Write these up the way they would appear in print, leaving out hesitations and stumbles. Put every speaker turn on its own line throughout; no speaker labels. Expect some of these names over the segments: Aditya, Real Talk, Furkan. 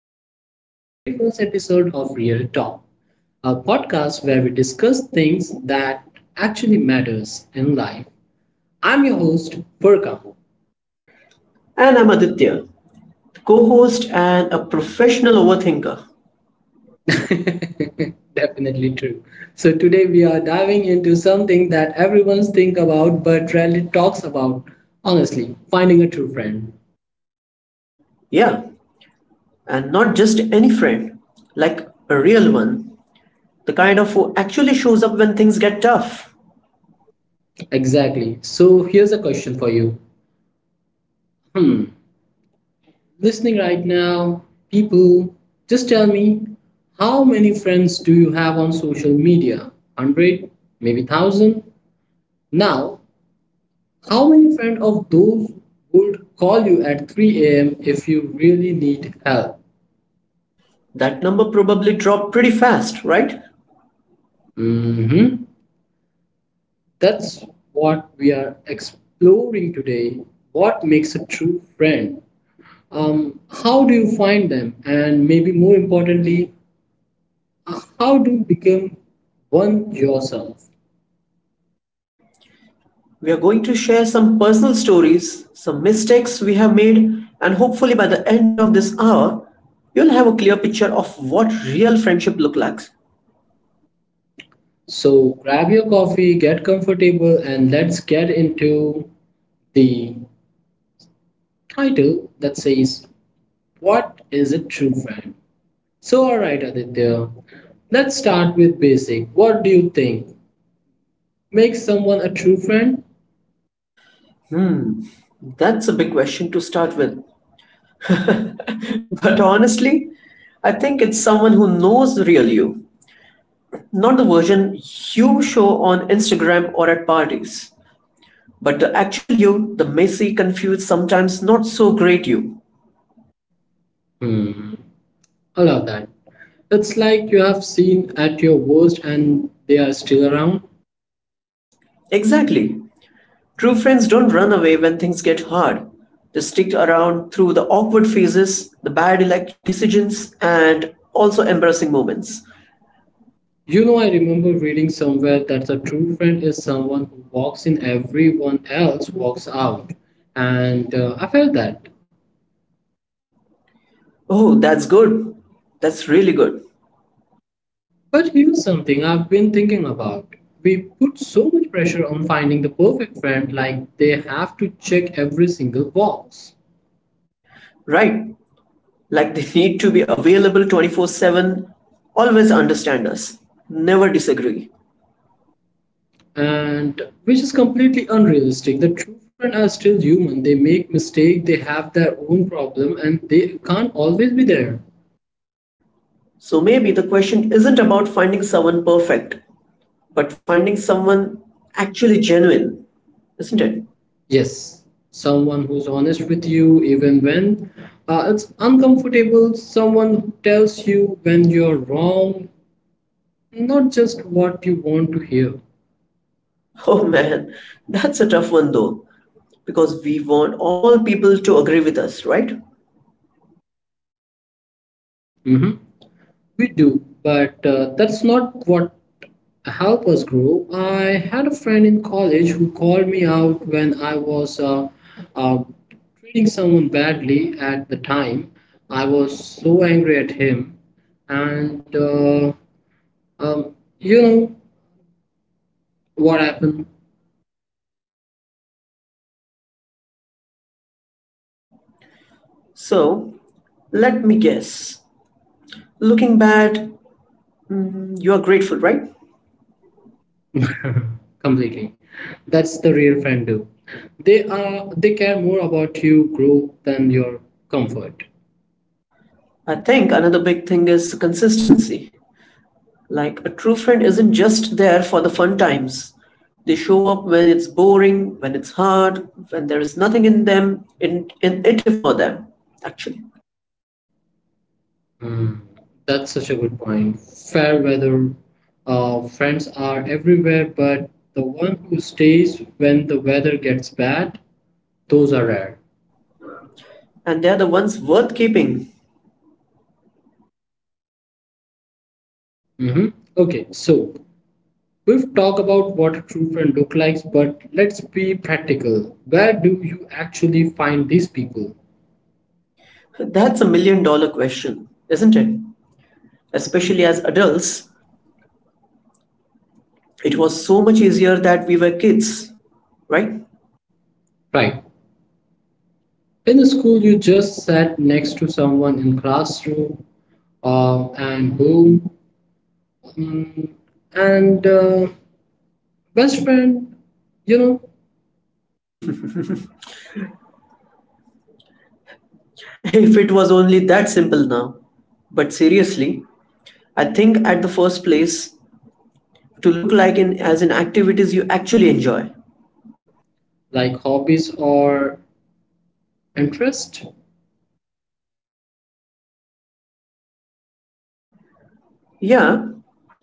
welcome to very first episode of Real Talk, a podcast where we discuss things that actually matters in life. I'm your host Furkan.
And I'm Aditya, the co host and a professional overthinker.
Definitely true. So today we are diving into something that everyone's think about but rarely talks about. Honestly, finding a true friend.
Yeah, and not just any friend, like a real one. The kind of who actually shows up when things get tough.
Exactly. So here's a question for you. Hmm. Listening right now, people, just tell me how many friends do you have on social media? 100, maybe 1000? Now, how many friends of those would call you at 3 a.m. if you really need help?
That number probably dropped pretty fast, right?
hmm That's what we are exploring today. What makes a true friend? How do you find them? And maybe more importantly, how do you become one yourself?
We are going to share some personal stories, some mistakes we have made, and hopefully by the end of this hour, you'll have a clear picture of what real friendship look like.
So grab your coffee, get comfortable, and let's get into the title that says, what is a true friend? So, alright, Aditya, let's start with basic. What do you think makes someone a true friend?
That's a big question to start with. But honestly, I think it's someone who knows the real you, not the version you show on Instagram or at parties, but the actual you, the messy, confused, sometimes not so great you.
Hmm, I love that. It's like you have seen at your worst and they are still around.
Exactly. True friends don't run away when things get hard. They stick around through the awkward phases, the bad elect decisions, and also embarrassing moments.
You know, I remember reading somewhere that a true friend is someone who walks in, everyone else walks out. And I felt that.
Oh, that's good. That's really good.
But here's something I've been thinking about. We put so much pressure on finding the perfect friend, like they have to check every single box.
Right. Like they need to be available 24/7, always understand us, never disagree.
And which is completely unrealistic. The true friend are still human. They make mistakes, they have their own problem, and they can't always be there.
So maybe the question isn't about finding someone perfect, but finding someone actually genuine, isn't it?
Yes, someone who's honest with you even when it's uncomfortable, someone who tells you when you're wrong, not just what you want to hear.
Oh man, that's a tough one though, because we want all people to agree with us, right?
hmm We do, but that's not what help us grow. I had a friend in college who called me out when I was uh, treating someone badly at the time. I was so angry at him, and um, you know what happened.
So let me guess. Looking back, you are grateful, right?
Completely. That's the real friend do. They care more about your growth than your comfort.
I think another big thing is consistency. Like a true friend isn't just there for the fun times. They show up when it's boring, when it's hard, when there is nothing in them, in it for them, actually.
Mm, that's such a good point. Fair weather friends are everywhere, but the one who stays when the weather gets bad, those are rare.
And they're the ones worth keeping.
hmm Okay, so we've talked about what a true friend looks like, but let's be practical. Where do you actually find these people?
That's $1 million question, isn't it? Especially as adults, it was so much easier that we were kids, right?
Right. In the school, you just sat next to someone in classroom, and who mm, and best friend you know.
If it was only that simple now. But seriously, I think at the first place to look like in as in activities you actually enjoy.
Like hobbies or interest?
Yeah,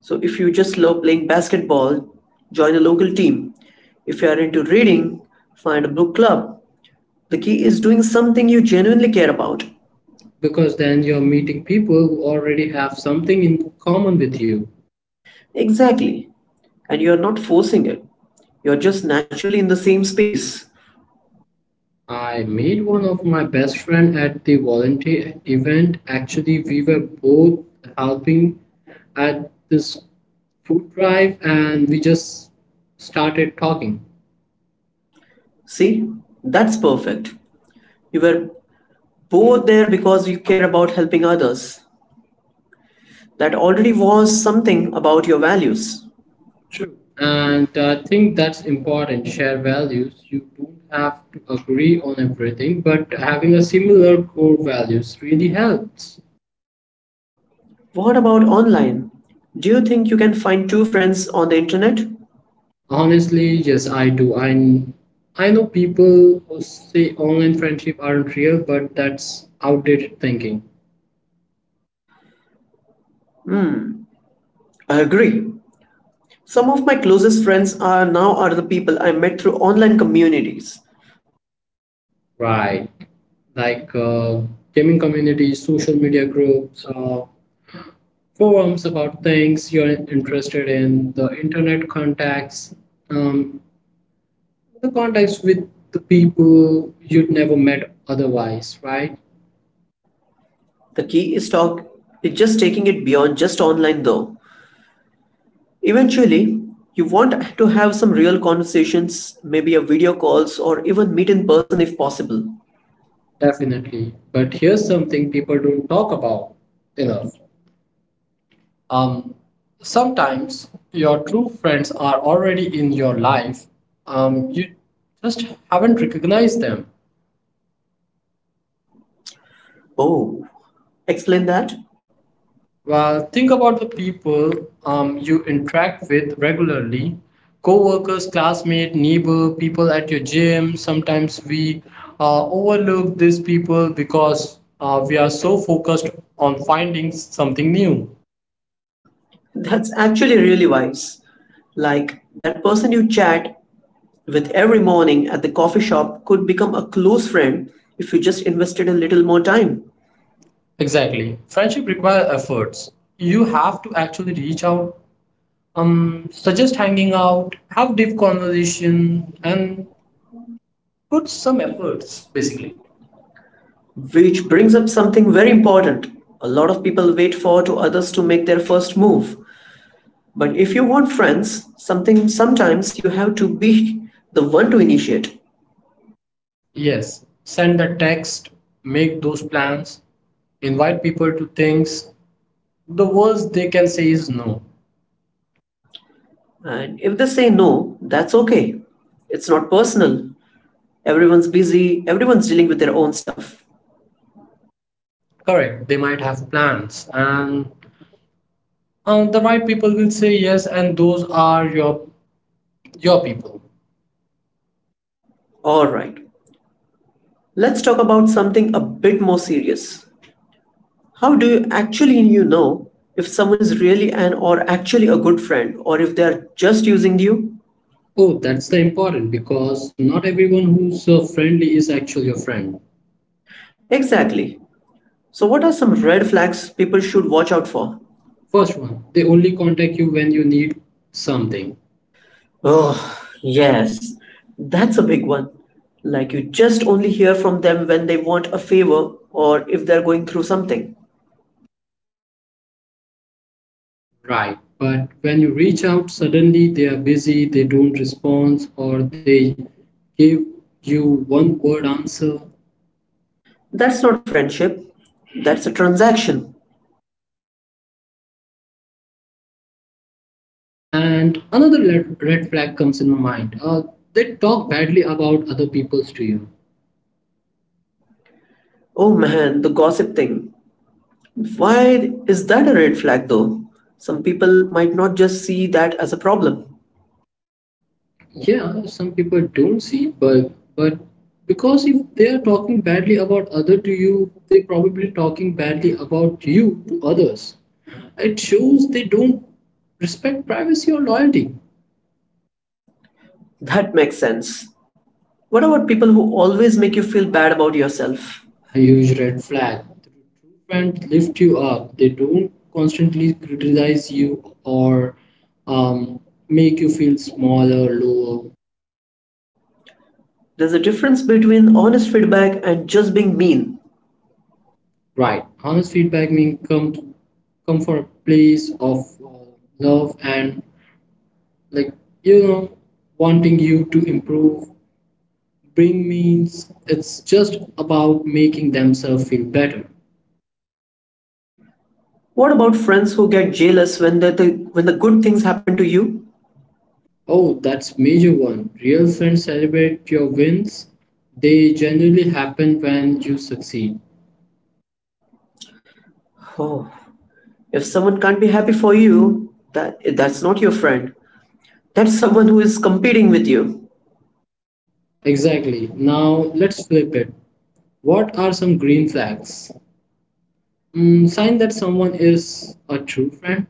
so if you just love playing basketball, join a local team. If you are into reading, find a book club. The key is doing something you genuinely care about.
Because then you're meeting people who already have something in common with you.
Exactly. And you're not forcing it. You're just naturally in the same space.
I made one of my best friend at the volunteer event actually. We were both helping at this food drive and we just started talking.
See? That's perfect. You were both there because you care about helping others. That already was something about your values.
And I think that's important, share values. You don't have to agree on everything, but having a similar core values really helps.
What about online? Do you think you can find two friends on the internet?
Honestly, yes, I do. I know people who say online friendship aren't real, but that's outdated thinking.
I agree. Some of my closest friends are now are the people I met through online communities.
Right. Like gaming communities, social media groups, forums about things you're interested in, the internet contacts, um, the contacts with the people you'd never met otherwise, right?
The key is talk Is just taking it beyond just online though. Eventually, you want to have some real conversations, maybe a video calls or even meet in person if possible.
Definitely. But here's something people don't talk about enough. Um, Sometimes your true friends are already in your life. You just haven't recognized them.
Oh, explain that?
Well, think about the people you interact with regularly, co-workers, classmate, neighbor, people at your gym. Sometimes we overlook these people because we are so focused on finding something new.
That's actually really wise. Like that person you chat with every morning at the coffee shop could become a close friend if you just invested a little more time.
Exactly. Friendship requires efforts. You have to actually reach out, suggest hanging out, have deep conversation, and put some efforts basically.
Which brings up something very important. A lot of people wait for to others to make their first move. But if you want friends, something sometimes you have to be the one to initiate.
Yes, send a text, make those plans, invite people to things. The worst they can say is no.
And if they say no, that's okay. It's not personal. Everyone's busy, everyone's dealing with their own stuff.
Correct, they might have plans, and the right people will say yes, and those are your people.
All right. Let's talk about something a bit more serious. How do you actually you know if someone is really an or actually a good friend or if they are just using you?
Oh, that's the important because not everyone who's friendly is actually your friend.
Exactly. So, what are some red flags people should watch out for?
First one, they only contact you when you need something.
Oh, yes. That's a big one. Like, you just only hear from them when they want a favor or if they're going through something.
Right, but when you reach out, suddenly they are busy, they don't respond, or they give you one word answer.
That's not friendship, that's a transaction.
And another red flag comes in my mind. They talk badly about other people's to you.
Oh man, the gossip thing. Why is that a red flag though? Some people might not just see that as a problem.
Yeah, some people don't see, but but because if they are talking badly about other to you, they probably talking badly about you to others. It shows they don't respect privacy or loyalty.
That makes sense. What about people who always make you feel bad about yourself?
A huge red flag. True friends lift you up. They don't constantly criticize you or um, make you feel small or lower.
There's a difference between honest feedback and just being mean.
Right. Honest feedback means come for a place of uh, love and like you know wanting you to improve. Bring means it's just about making themselves feel better.
What about friends who get jealous when the when the good things happen to you?
Oh, that's major one. Real friends celebrate your wins. They generally happen when you succeed.
Oh, if someone can't be happy for you, that's not your friend. That's someone who is competing with you.
Exactly. Now let's flip it. What are some green flags? Mm, sign that someone is a true friend.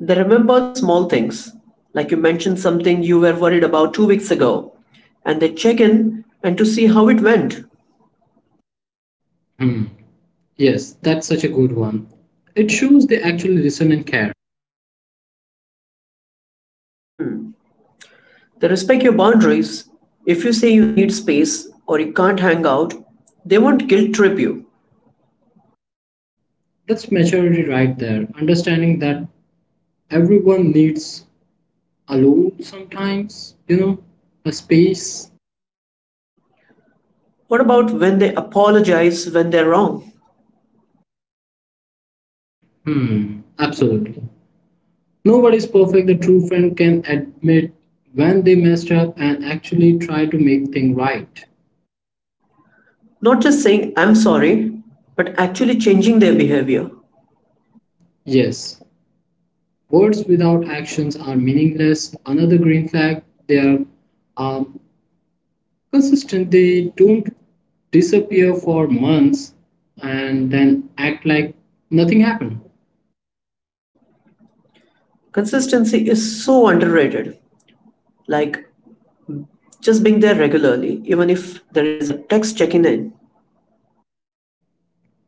They remember the small things, like you mentioned something you were worried about two weeks ago, and they check in and to see how it went.
Hmm. Yes, that's such a good one. It shows they actually listen and care.
They respect your boundaries. If you say you need space or you can't hang out, they won't guilt trip you.
That's maturity right there. Understanding that everyone needs alone sometimes, you know, a space.
What about when they apologize when they're wrong?
Hmm, absolutely. Nobody's perfect. The true friend can admit when they messed up and actually try to make things right.
Not just saying, I'm sorry, but actually changing their behavior.
Yes, words without actions are meaningless. Another green flag, they are um, consistent. They don't disappear for months and then act like nothing happened.
Consistency is so underrated. Like just being there regularly, even if there is a text checking in.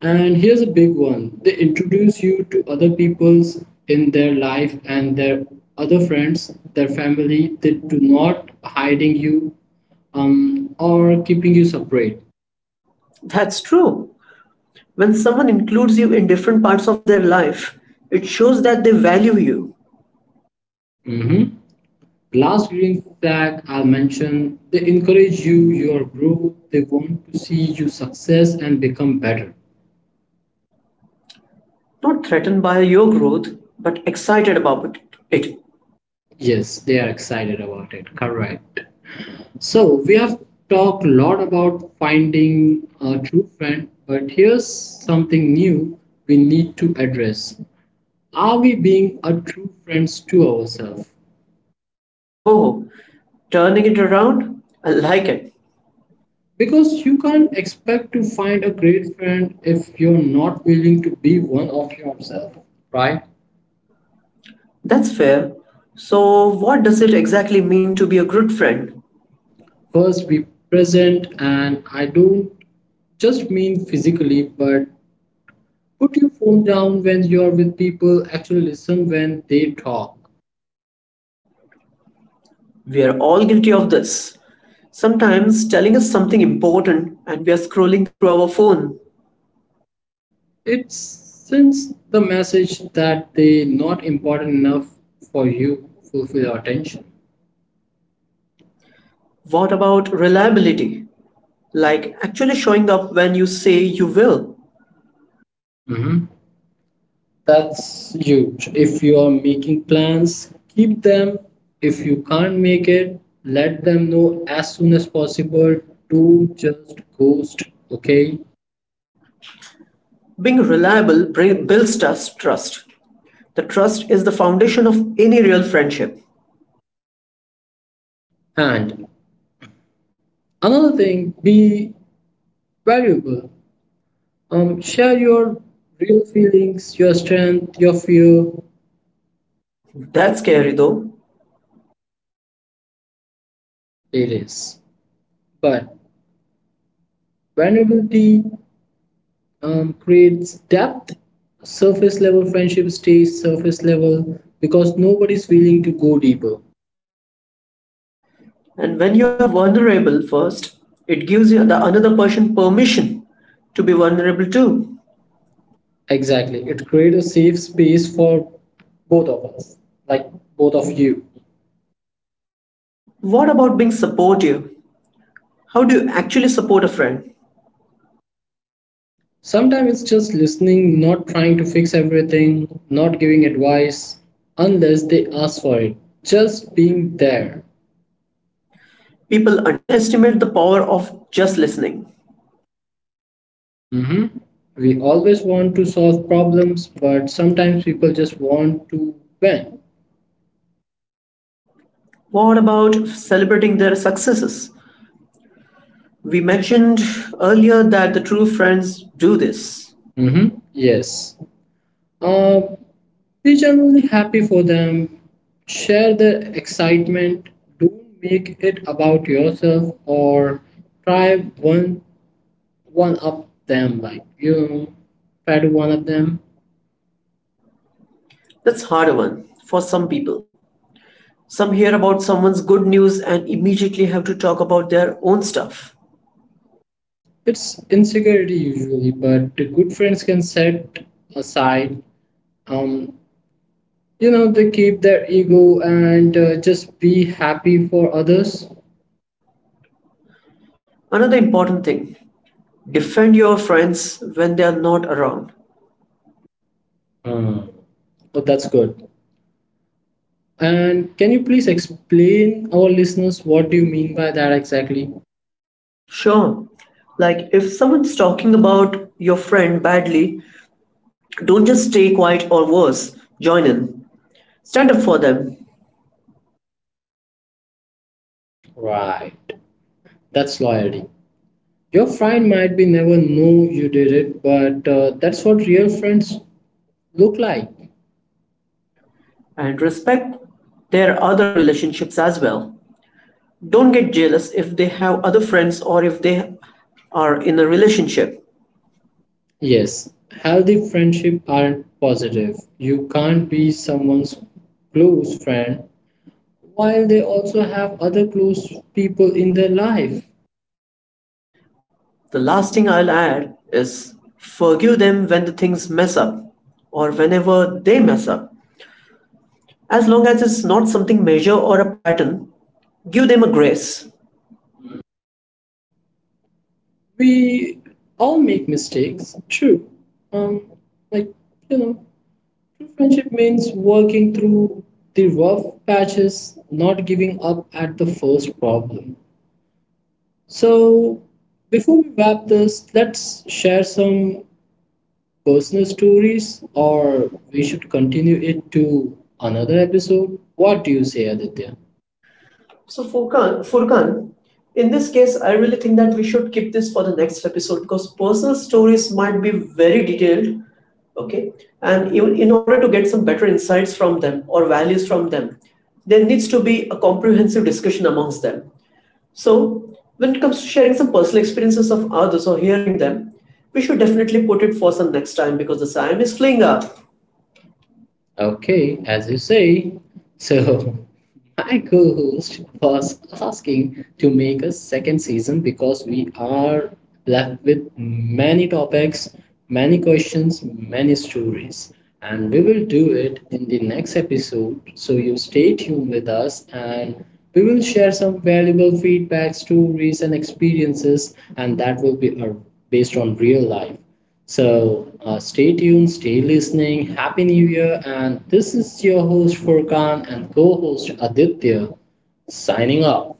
And here's a big one, they introduce you to other people's in their life and their other friends, their family. They do not hiding you or keeping you separate.
That's true. When someone includes you in different parts of their life, it shows that they value you,
Mhm. Last green flag I'll mention, they encourage you, your growth, they want to see you success and become better.
not threatened by your growth, but excited about it.
Yes, they are excited about it. Correct. So we have talked a lot about finding a true friend, but here's something new we need to address. Are we being a true friends to ourselves?
Oh, turning it around? I like it.
Because you can't expect to find a great friend if you're not willing to be one of yourself.
That's fair. So, what does it exactly mean to be a good friend?
First, be present, and I don't just mean physically, but put your phone down when you are with people, actually listen when they talk.
We are all guilty of this. Sometimes telling us something important and we are scrolling through our phone.
It sends the message that they not important enough for you to fulfill your attention.
What about reliability? Like actually showing up when you say you will.
Mhm. That's huge. If you are making plans, keep them. If you can't make it, let them know as soon as possible. Do just ghost, okay?
Being reliable builds trust. The trust is the foundation of any real friendship.
And another thing, be valuable. Share your real feelings, your strength, your fear.
That's scary though.
It is. But vulnerability creates depth. Surface level friendship stays surface level because nobody's willing to go deeper.
And when you are vulnerable first, it gives you the another person permission to be vulnerable too.
Exactly. It creates a safe space for both of us, like both of you.
What about being supportive? How do you actually support a friend?
Sometimes it's just listening, not trying to fix everything, not giving advice unless they ask for it. Just being there.
People underestimate the power of just listening.
hmm We always want to solve problems, but sometimes people just want to vent.
What about celebrating their successes? We mentioned earlier that the true friends do this.
Yes. Uh, Be genuinely happy for them. Share the excitement. Don't make it about yourself or try one one up them like you know, try to one up them.
That's a harder one for some people. Some hear about someone's good news and immediately have to talk about their own stuff.
It's insecurity usually, but the good friends can set aside. Um, you know they keep their ego and just be happy for others.
Another important thing, defend your friends when they are not around.
Hmm. Oh, that's good. And can you please explain our listeners what do you mean by that exactly?
Sure, like if someone's talking about your friend badly, don't just stay quiet or worse, join in. Stand up for them
Right. That's loyalty. Your friend might be never know you did it, but that's what real friends look like.
and respect their other relationships as well. Don't get jealous if they have other friends or if they are in a relationship.
Yes, healthy friendship aren't positive. You can't be someone's close friend while they also have other close people in their life.
The last thing I'll add is forgive them when the things mess up or whenever they mess up. As long as it's not something major or a pattern, give them a grace.
We all make mistakes, true. Um, like you know, Friendship means working through the rough patches, not giving up at the first problem. So, before we wrap this, let's share some personal stories, or we should continue it to another episode. What do you say, Aditya?
So Furkan, in this case, I really think that we should keep this for the next episode because personal stories might be very detailed, okay? And even in order to get some better insights from them or values from them, there needs to be a comprehensive discussion amongst them. So when it comes to sharing some personal experiences of others or hearing them, we should definitely put it for some next time because the time is fleeing up.
Okay, as you say. So, my co host was asking to make a second season because we are left with many topics, many questions, many stories. And we will do it in the next episode. So, you stay tuned with us and we will share some valuable feedback, stories, and experiences, and that will be based on real life. So stay tuned, stay listening. Happy New Year. And this is your host, Furkan, and co host, Aditya, signing off.